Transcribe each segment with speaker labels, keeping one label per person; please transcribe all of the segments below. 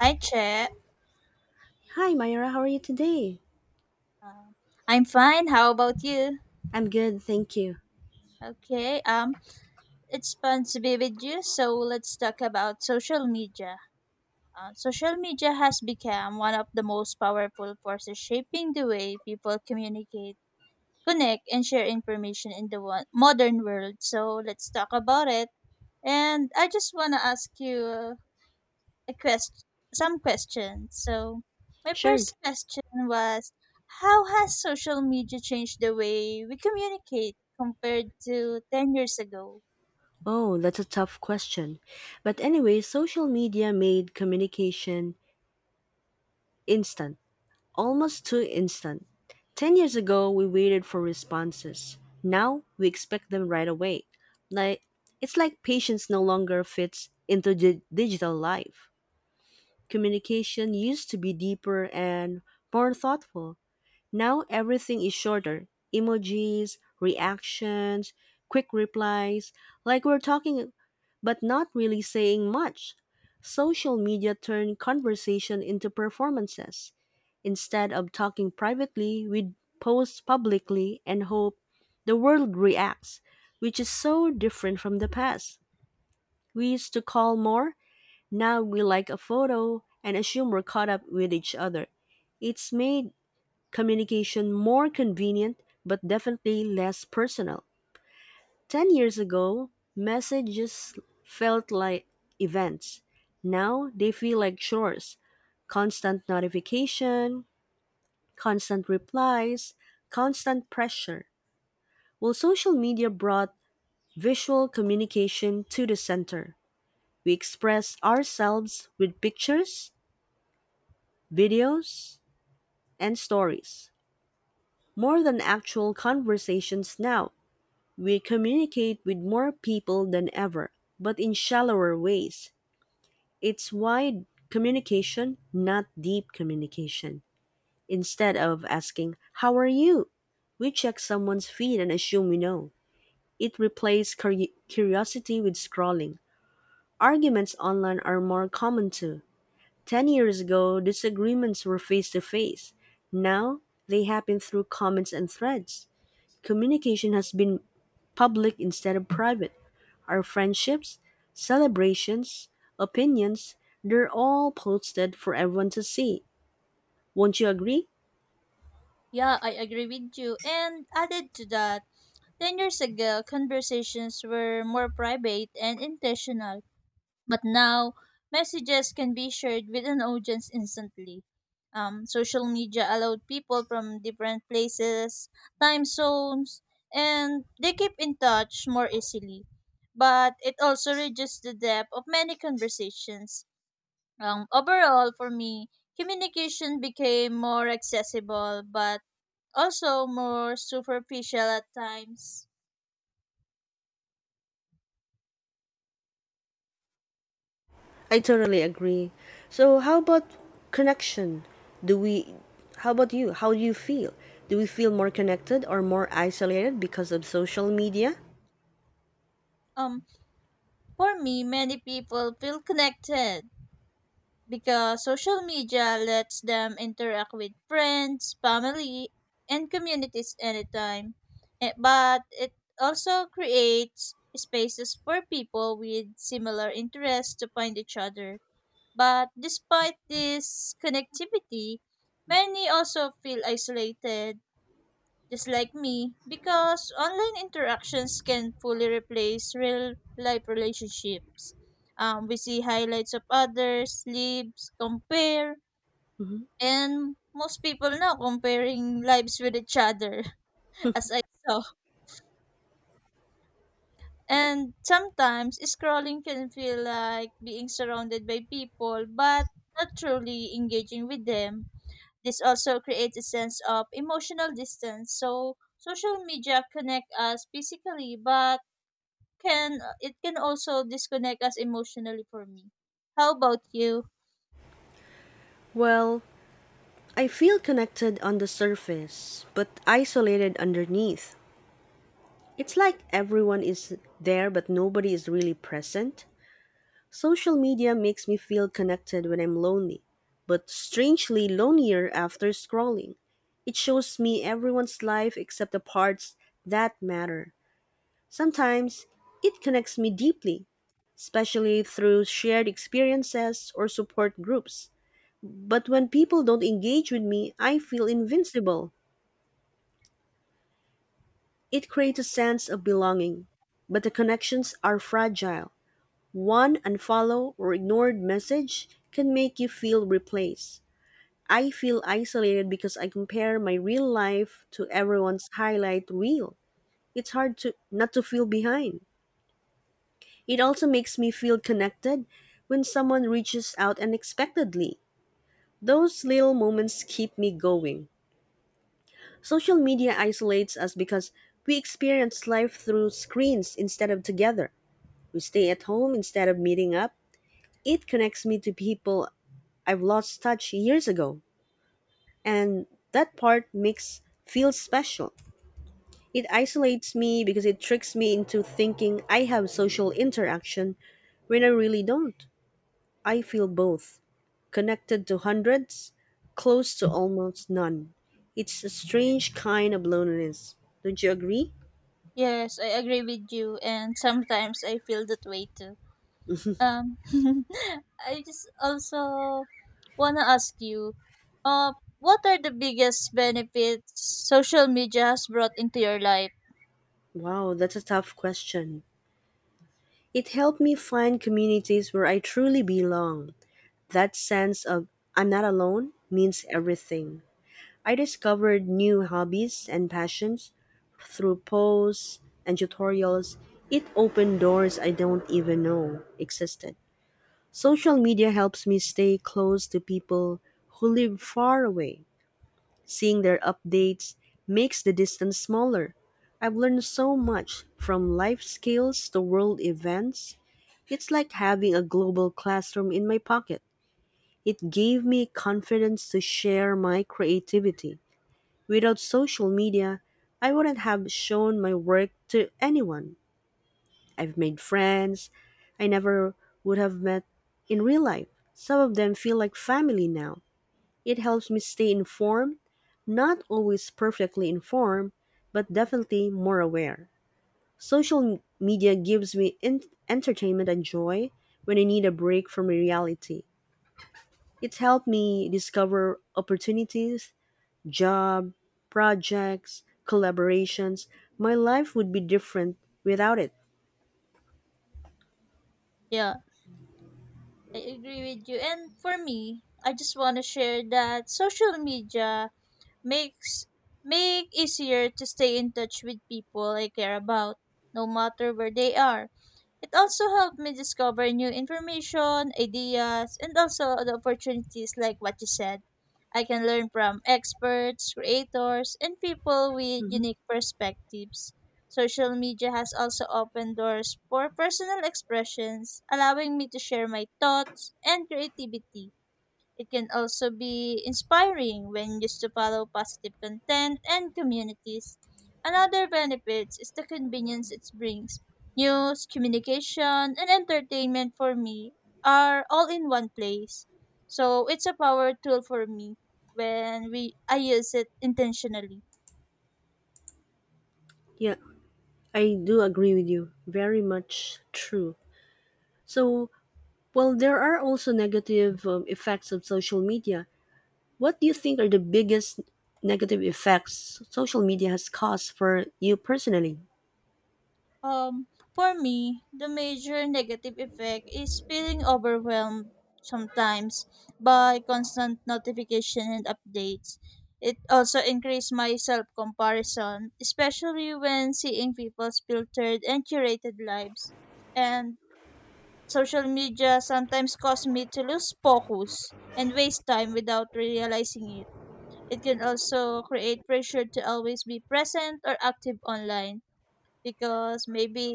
Speaker 1: Hi, Che.
Speaker 2: Hi, Myra. How are you today?
Speaker 1: Um, I'm fine. How about you?
Speaker 2: I'm good, thank you.
Speaker 1: Okay. It's fun to be with you. So let's talk about social media. Social media has become one of the most powerful forces shaping the way people communicate, connect, and share information in the modern world. So let's talk about it. And I just wanna ask you. a quest- some questions. So, my
Speaker 2: Sure.
Speaker 1: first question was: how has social media changed the way we communicate compared to 10 years ago?
Speaker 2: Oh, that's a tough question. But anyway, social media made communication instant, almost too instant. 10 years ago, we waited for responses. Now, we expect them right away. Like it's like patience no longer fits into digital life. Communication used to be deeper and more thoughtful. Now everything is shorter, emojis, reactions, quick replies, like we're talking but not really saying much. Social media turned conversation into performances. Instead of talking privately, we post publicly and hope the world reacts, which is so different from the past. We used to call more, now we like a photo and assume we're caught up with each other. It's made communication more convenient but definitely less personal. 10 years ago, messages felt like events. Now they feel like chores. Constant notification, constant replies, constant pressure. While social media brought visual communication to the center. We express ourselves with pictures, videos, and stories, more than actual conversations now. We communicate with more people than ever, but in shallower ways. It's wide communication, not deep communication. Instead of asking, "How are you?" we check someone's feed and assume we know. It replaced curiosity with scrolling. Arguments online are more common too. 10 years ago, disagreements were face to face. Now, they happen through comments and threads. Communication has been public instead of private. Our friendships, celebrations, opinions, they're all posted for everyone to see. Won't you agree?
Speaker 1: Yeah, I agree with you. And added to that, 10 years ago, conversations were more private and intentional. But now, messages can be shared with an audience instantly. Social media allowed people from different places, time zones, and they keep in touch more easily. But it also reduces the depth of many conversations. Overall, for me, communication became more accessible, but also more superficial at times.
Speaker 2: I totally agree. So how about connection? Do we How about you? How do you feel? Do we feel more connected or more isolated because of social media?
Speaker 1: Um, for me, many people feel connected because social media lets them interact with friends, family, and communities anytime. But it also creates spaces for people with similar interests to find each other. But despite this connectivity, many also feel isolated just like me, because online interactions can fully replace real life relationships. We see highlights of others, lives, compare,
Speaker 2: Mhm.
Speaker 1: and most people now comparing lives with each other, as I saw. And sometimes scrolling can feel like being surrounded by people, but not truly engaging with them. This also creates a sense of emotional distance. So social media connect us physically, but can it can also disconnect us emotionally for me. How about you?
Speaker 2: Well, I feel connected on the surface, but isolated underneath. It's like everyone is there, but nobody is really present. Social media makes me feel connected when I'm lonely, but strangely lonelier after scrolling. It shows me everyone's life except the parts that matter. Sometimes it connects me deeply, especially through shared experiences or support groups. But when people don't engage with me, I feel invincible. It creates a sense of belonging, but the connections are fragile. One unfollow or ignored message can make you feel replaced. I feel isolated because I compare my real life to everyone's highlight reel. It's hard to not to feel behind. It also makes me feel connected when someone reaches out unexpectedly. Those little moments keep me going. Social media isolates us because we experience life through screens instead of together. We stay at home instead of meeting up. It connects me to people I've lost touch years ago, and that part makes feel special. It isolates me because it tricks me into thinking I have social interaction when I really don't. I feel both connected to hundreds, close to almost none. It's a strange kind of loneliness. Don't you agree?
Speaker 1: Yes, I agree with you and sometimes I feel that way too. Um I just also wanna ask you, uh what are the biggest benefits social media has brought into your life?
Speaker 2: Wow, that's a tough question. It helped me find communities where I truly belong. That sense of I'm not alone means everything. I discovered new hobbies and passions through posts and tutorials. It opened doors I don't even know existed. Social media helps me stay close to people who live far away. Seeing their updates makes the distance smaller. I've learned so much from life skills to world events. It's like having a global classroom in my pocket. It gave me confidence to share my creativity. Without social media, I wouldn't have shown my work to anyone. I've made friends I never would have met in real life. Some of them feel like family now. It helps me stay informed, not always perfectly informed, but definitely more aware. Social media gives me entertainment and joy when I need a break from reality. It's helped me discover opportunities job, projects, collaborations. My life would be different without it.
Speaker 1: Yeah, I agree with you. And for me, I just wanna share that social media makes make easier to stay in touch with people I care about, no matter where they are. It also helped me discover new information, ideas, and also the opportunities like what you said. I can learn from experts, creators, and people with
Speaker 2: Mhm.
Speaker 1: unique perspectives. Social media has also opened doors for personal expressions, allowing me to share my thoughts and creativity. It can also be inspiring when used to follow positive content and communities. Another benefit is the convenience it brings. News, communication, and entertainment for me are all in one place. So it's a power tool for me when we I use it intentionally.
Speaker 2: Yeah, I do agree with you. Very much true. So, well, there are also negative effects of social media. What do you think are the biggest negative effects social media has caused for you personally?
Speaker 1: Um, for me, the major negative effect is feeling overwhelmed sometimes by constant notification and updates. It also increased my self comparison, especially when seeing people's filtered and curated lives. And social media sometimes cause me to lose focus and waste time without realizing it. It can also create pressure to always be present or active online because maybe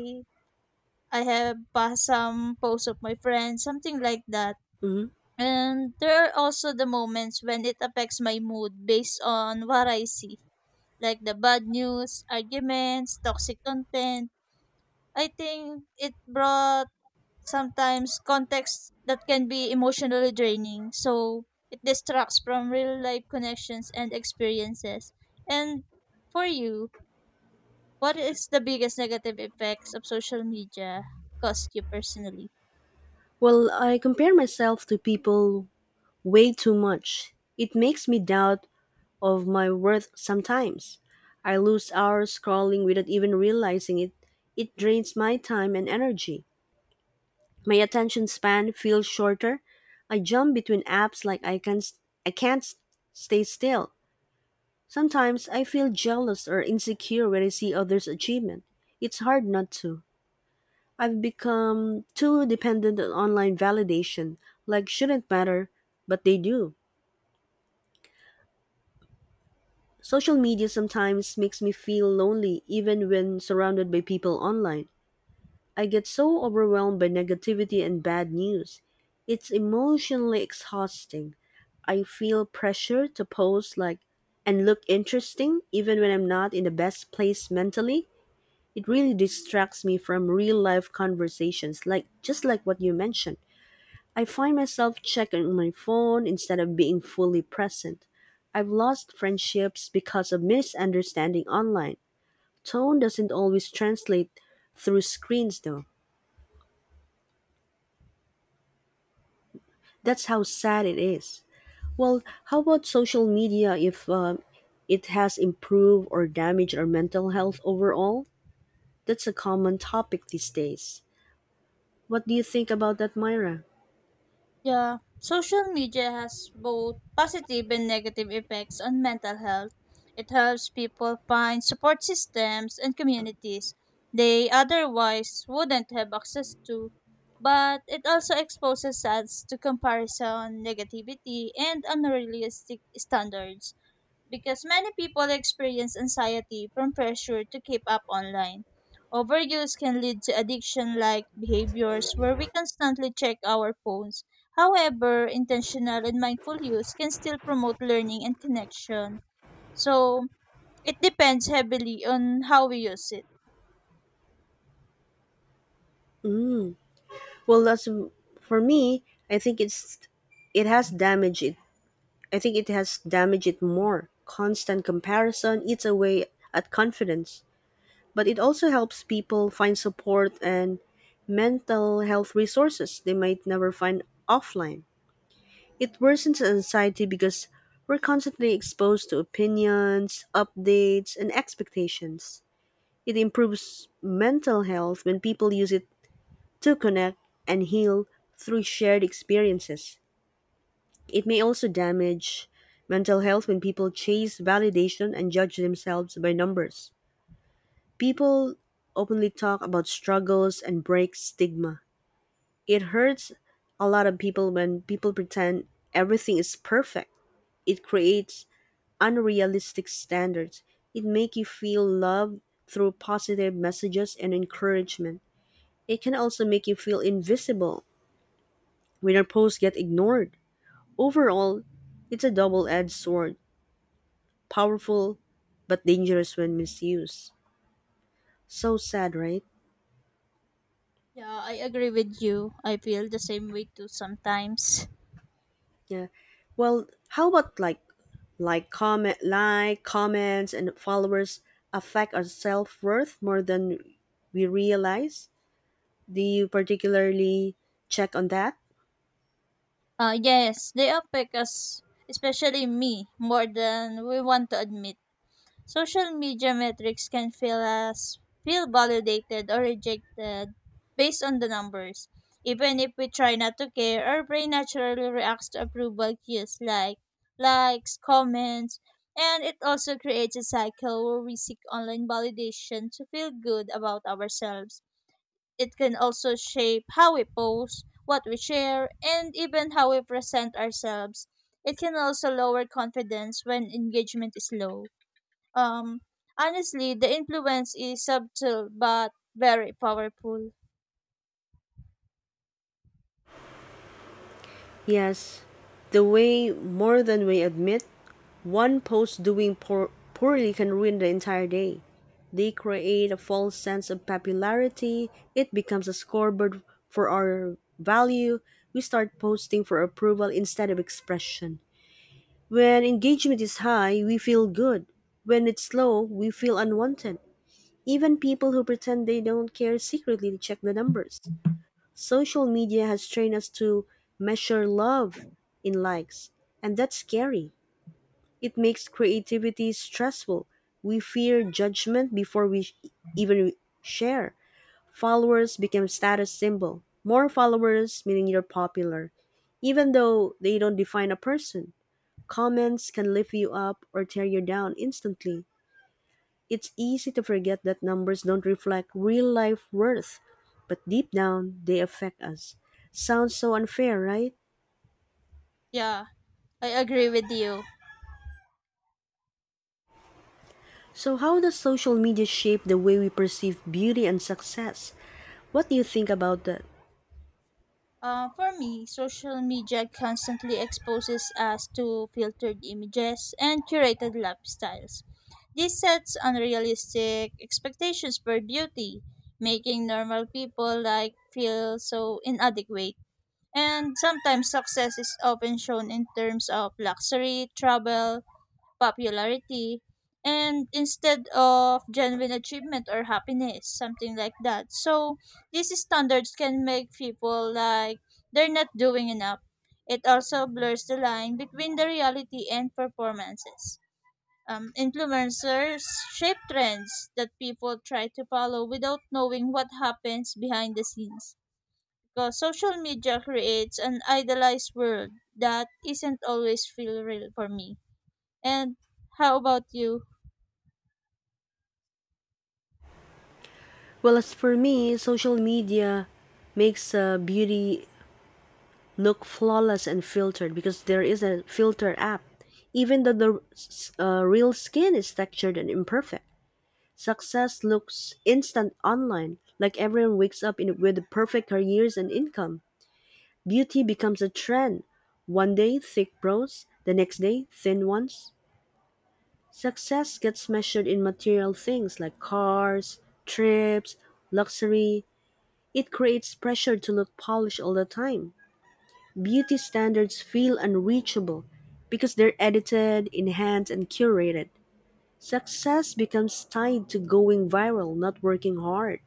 Speaker 1: I have some posts of my friends, something like that.
Speaker 2: hmm
Speaker 1: And there are also the moments when it affects my mood based on what I see, like the bad news, arguments, toxic content. I think it brought sometimes context that can be emotionally draining. So it distracts from real life connections and experiences. And for you, what is the biggest negative effects of social media cost you personally?
Speaker 2: Well, I compare myself to people way too much. It makes me doubt of my worth sometimes. I lose hours scrolling without even realizing it. It drains my time and energy. My attention span feels shorter. I jump between apps like I can't stay still. Sometimes I feel jealous or insecure when I see others' achievement. It's hard not to. I've become too dependent on online validation, like shouldn't matter, but they do. Social media sometimes makes me feel lonely even when surrounded by people online. I get so overwhelmed by negativity and bad news. It's emotionally exhausting. I feel pressure to post like and look interesting even when I'm not in the best place mentally. It really distracts me from real life conversations just like what you mentioned. I find myself checking my phone instead of being fully present. I've lost friendships because of misunderstanding online. Tone doesn't always translate through screens, though. That's how sad it is. Well, how about social media if it has improved or damaged our mental health overall? That's a common topic these days. What do you think about that, Myra?
Speaker 1: Yeah, social media has both positive and negative effects on mental health. It helps people find support systems and communities they otherwise wouldn't have access to, but it also exposes us to comparison, negativity, and unrealistic standards because many people experience anxiety from pressure to keep up online. Overuse can lead to addiction like behaviors where we constantly check our phones. However, intentional and mindful use can still promote learning and connection. So, it depends heavily on how we use it.
Speaker 2: Mm. Well, that's for me. I think it's it has damaged it I think it has damaged it more. Constant comparison eats away at confidence, but it also helps people find support and mental health resources they might never find offline. It worsens anxiety because we're constantly exposed to opinions, updates, and expectations. It improves mental health when people use it to connect and heal through shared experiences. It may also damage mental health when people chase validation and judge themselves by numbers. People openly talk about struggles and break stigma. It hurts a lot of people when people pretend everything is perfect. It creates unrealistic standards. It makes you feel loved through positive messages and encouragement. It can also make you feel invisible when your posts get ignored. Overall, it's a double-edged sword, powerful but dangerous when misused. So sad, right?
Speaker 1: Yeah, I agree with you. I feel the same way too sometimes.
Speaker 2: Yeah. Well, how about like comments and followers affect our self-worth more than we realize? Do you particularly check on that?
Speaker 1: Yes, they affect us, especially me, more than we want to admit. Social media metrics can feel validated or rejected based on the numbers. Even if we try not to care, our brain naturally reacts to approval cues like likes, comments, and it also creates a cycle where we seek online validation to feel good about ourselves. It can also shape how we post, what we share, and even how we present ourselves. It can also lower confidence when engagement is low. Um, honestly, the influence is subtle but very powerful.
Speaker 2: Yes, the way more than we admit, one post doing poorly can ruin the entire day. They create a false sense of popularity. It becomes a scoreboard for our value. We start posting for approval instead of expression. When engagement is high, we feel good. When it's low, we feel unwanted. Even people who pretend they don't care secretly check the numbers. Social media has trained us to measure love in likes, and that's scary. It makes creativity stressful. We fear judgment before we even share. Followers become status symbol. More followers meaning you're popular, even though they don't define a person. Comments can lift you up or tear you down instantly. It's easy to forget that numbers don't reflect real life worth, but deep down, they affect us. Sounds so unfair, right?
Speaker 1: Yeah, I agree with you.
Speaker 2: So, how does social media shape the way we perceive beauty and success? What do you think about that?
Speaker 1: For me, social media constantly exposes us to filtered images and curated lifestyles. This sets unrealistic expectations for beauty, making normal people like feel so inadequate. And sometimes success is often shown in terms of luxury, travel, popularity and instead of genuine achievement or happiness something like that, so these standards can make people like they're not doing enough. It also blurs the line between the reality and performances. Influencers shape trends that people try to follow without knowing what happens behind the scenes, because social media creates an idealized world that isn't always feel real for me. And how about you?
Speaker 2: Well, as for me, social media makes beauty look flawless and filtered because there is a filter app, even though the real skin is textured and imperfect. Success looks instant online, like everyone wakes up with perfect careers and income. Beauty becomes a trend. One day, thick brows, the next day, thin ones. Success gets measured in material things like cars, trips, luxury. It creates pressure to look polished all the time. Beauty standards feel unreachable because they're edited, enhanced, and curated. Success becomes tied to going viral, not working hard.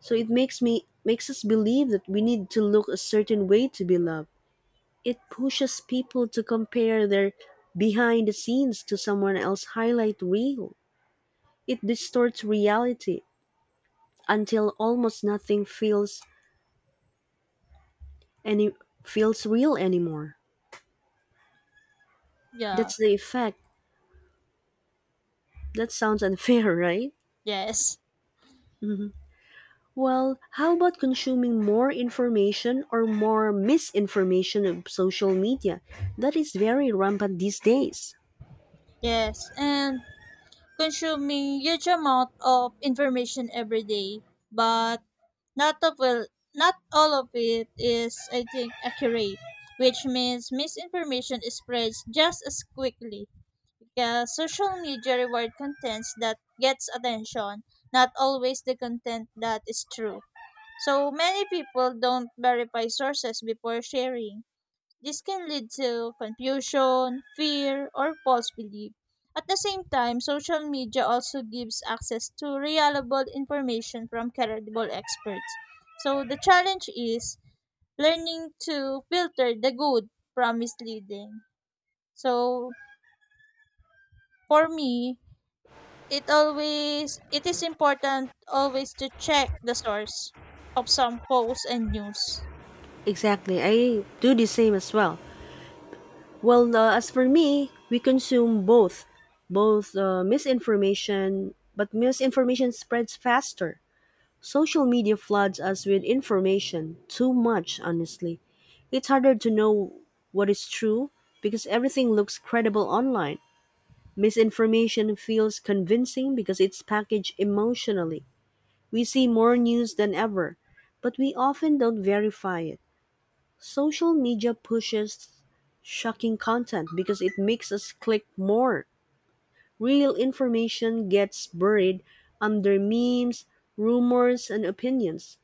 Speaker 2: So it makes us believe that we need to look a certain way to be loved. It pushes people to compare their behind the scenes to someone else's highlight reel. It distorts reality until almost nothing any feels real anymore.
Speaker 1: Yeah,
Speaker 2: That's the effect. That sounds unfair, right?
Speaker 1: yes,
Speaker 2: Mhm. Well, how about consuming more information or more misinformation of social media? That is very rampant these days.
Speaker 1: yes, and consuming huge amount of information every day, but not of well, not all of it is, I think, accurate, which means misinformation spreads just as quickly because social media reward contents that gets attention, not always the content that is true. So many people don't verify sources before sharing. This can lead to confusion, fear, or false belief. At the same time, social media also gives access to reliable information from credible experts. So the challenge is learning to filter the good from misleading. So for me, it is important always to check the source of some posts and news.
Speaker 2: Exactly. I do the same as well. Well, as for me, we consume both misinformation, but misinformation spreads faster. Social media floods us with information, too much, honestly. It's harder to know what is true because everything looks credible online. Misinformation feels convincing because it's packaged emotionally. We see more news than ever, but we often don't verify it. Social media pushes shocking content because it makes us click more. Real information gets buried under memes, rumors, and opinions.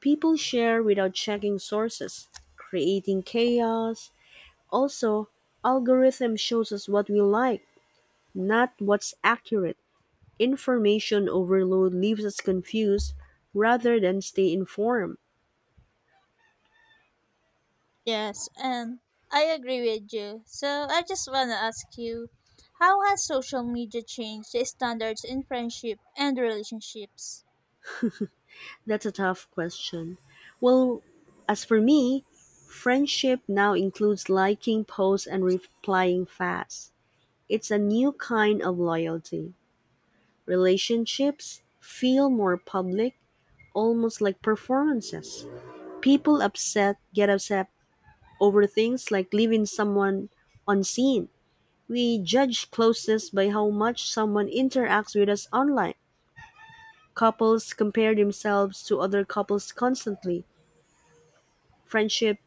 Speaker 2: People share without checking sources, creating chaos. Also, algorithm shows us what we like, not what's accurate. Information overload leaves us confused rather than stay informed.
Speaker 1: Yes, and I agree with you. So I just want to ask you, how has social media changed the standards in friendship and relationships?
Speaker 2: That's a tough question. Well, as for me, friendship now includes liking posts and replying fast. It's a new kind of loyalty. Relationships feel more public, almost like performances. People upset get upset over things like leaving someone unseen. We judge closeness by how much someone interacts with us online. Couples compare themselves to other couples constantly. Friendship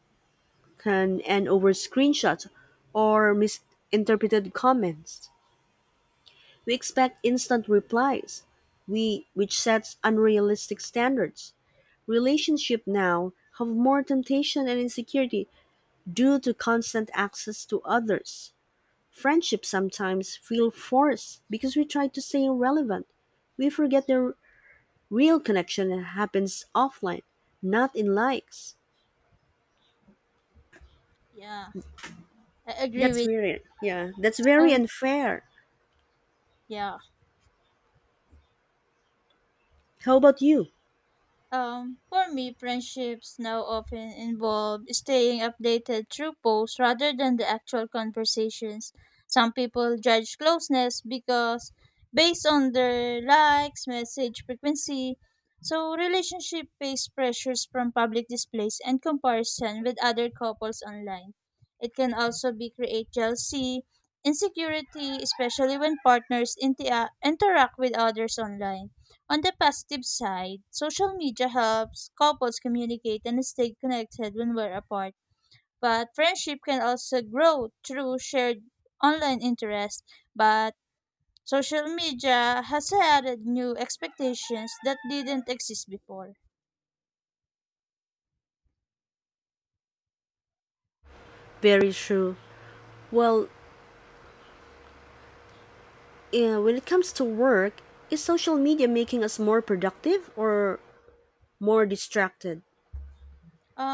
Speaker 2: can end over screenshots or misinterpreted comments. We expect instant replies, which sets unrealistic standards. Relationships now have more temptation and insecurity due to constant access to others. Friendships sometimes feel forced because we try to stay relevant. We forget the real connection that happens offline, not in likes.
Speaker 1: Yeah, I agree
Speaker 2: That's
Speaker 1: with
Speaker 2: weird. Yeah. That's very
Speaker 1: you.
Speaker 2: unfair.
Speaker 1: Yeah.
Speaker 2: How about you?
Speaker 1: For me, friendships now often involve staying updated through posts rather than the actual conversations. Some people judge closeness because based on their likes, message frequency. So relationship face pressures from public displays and comparison with other couples online. It can also be create jealousy, insecurity, especially when partners interact with others online. On the positive side, social media helps couples communicate and stay connected when we're apart. But friendship can also grow through shared online interest. But social media has added new expectations that didn't exist before.
Speaker 2: Very true. Well, yeah, when it comes to work, is social media making us more productive or more distracted?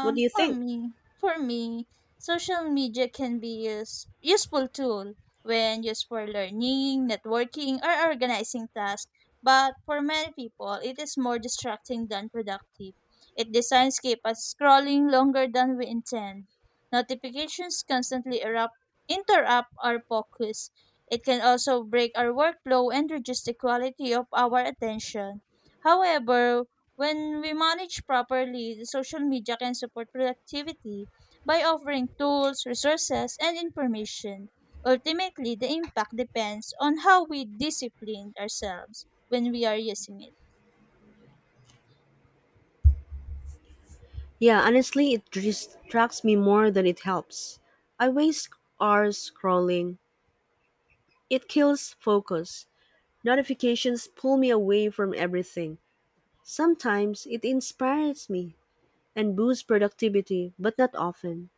Speaker 2: What do you
Speaker 1: for
Speaker 2: think?
Speaker 1: me, for me, social media can be useful tool when used for learning, networking, or organizing tasks. But for many people, it is more distracting than productive. It designs keep us scrolling longer than we intend. Notifications constantly interrupt our focus. It can also break our workflow and reduce the quality of our attention. However, when we manage properly, the social media can support productivity by offering tools, resources, and information. Ultimately, the impact depends on how we discipline ourselves when we are using it.
Speaker 2: Yeah, honestly, it distracts me more than it helps. I waste hours scrolling. It kills focus. Notifications pull me away from everything. Sometimes it inspires me and boosts productivity, but not often.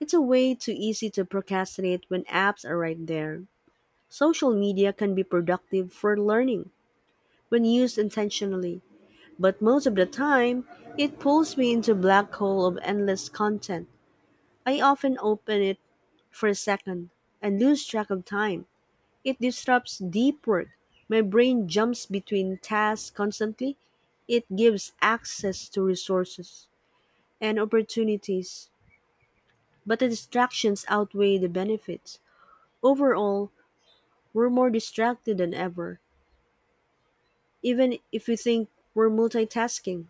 Speaker 2: It's a way too easy to procrastinate when apps are right there. Social media can be productive for learning when used intentionally, but most of the time, it pulls me into black hole of endless content. I often open it for a second and lose track of time. It disrupts deep work. My brain jumps between tasks constantly. It gives access to resources and opportunities, but the distractions outweigh the benefits. Overall, we're more distracted than ever even if you think we're multitasking.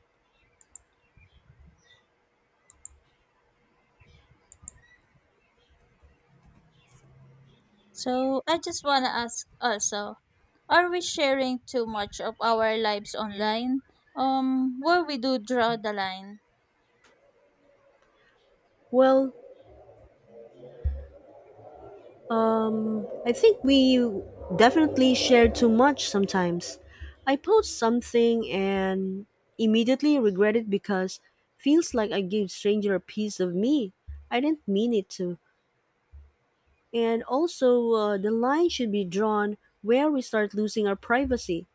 Speaker 1: So, I just want to ask also, are we sharing too much of our lives online? Where we do draw the line?
Speaker 2: Well, I think we definitely share too much sometimes. I post something and immediately regret it because feels like I gave stranger a piece of me. I didn't mean it to. And also, the line should be drawn where we start losing our privacy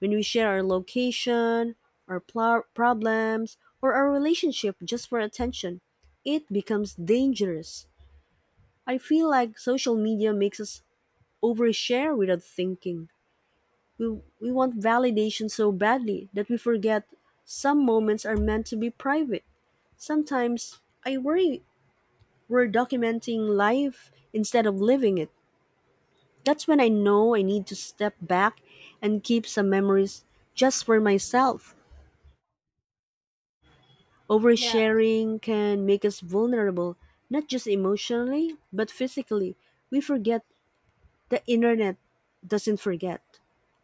Speaker 2: when we share our location, problems, or our relationship just for attention. It becomes dangerous. I feel like social media makes us overshare without thinking. We want validation so badly that we forget some moments are meant to be private. Sometimes I worry we're documenting life instead of living it. That's when I know I need to step back and keep some memories just for myself.
Speaker 1: Yeah.
Speaker 2: Oversharing can make us vulnerable, not just emotionally, but physically. We forget the internet doesn't forget.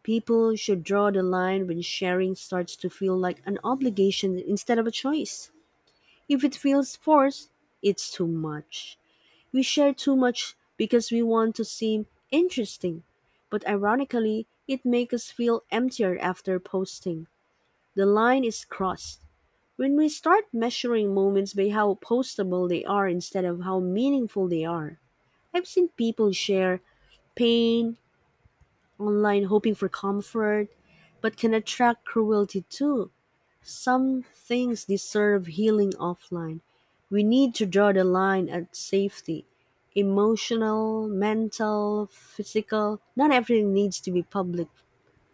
Speaker 2: People should draw the line when sharing starts to feel like an obligation instead of a choice. If it feels forced, it's too much. We share too much because we want to seem interesting, but ironically, it makes us feel emptier after posting. The line is crossed. When we start measuring moments by how postable they are instead of how meaningful they are, I've seen people share pain, online hoping for comfort, but can attract cruelty too. Some things deserve healing offline. We need to draw the line at safety. Emotional, mental, physical, not everything needs to be public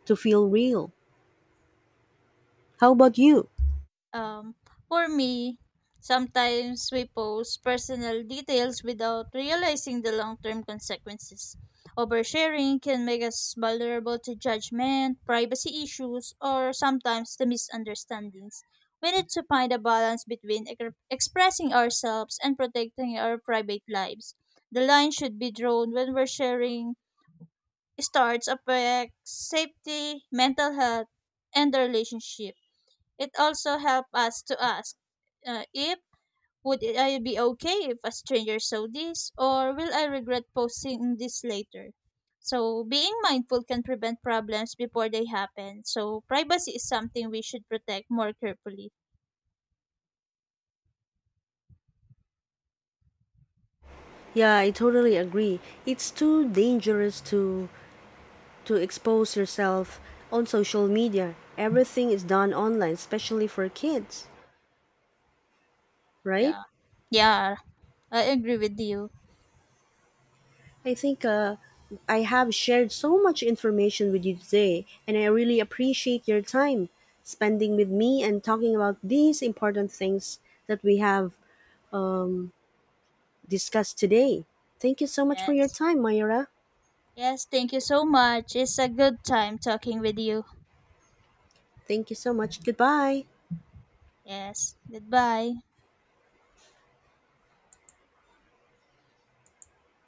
Speaker 2: to feel real. How about you?
Speaker 1: Um, for me, sometimes we post personal details without realizing the long term consequences. Oversharing can make us vulnerable to judgment, privacy issues, or sometimes the misunderstandings. We need to find a balance between expressing ourselves and protecting our private lives. The line should be drawn when we're sharing starts affect safety, mental health, and the relationship. It also helped us to ask, if, would I be okay if a stranger saw this, or will I regret posting this later? So, being mindful can prevent problems before they happen. So, privacy is something we should protect more carefully.
Speaker 2: Yeah, I totally agree. It's too dangerous to expose yourself on social media. Everything is done online, especially for kids, right?
Speaker 1: Yeah. Yeah, I agree with you.
Speaker 2: I think I have shared so much information with you today, and I really appreciate your time spending with me and talking about these important things that we have um, discussed today. Thank you so much for your
Speaker 1: Yes.
Speaker 2: time, Myra.
Speaker 1: Yes, thank you so much. It's a good time talking with you.
Speaker 2: Thank you so much. Goodbye.
Speaker 1: Yes. Goodbye.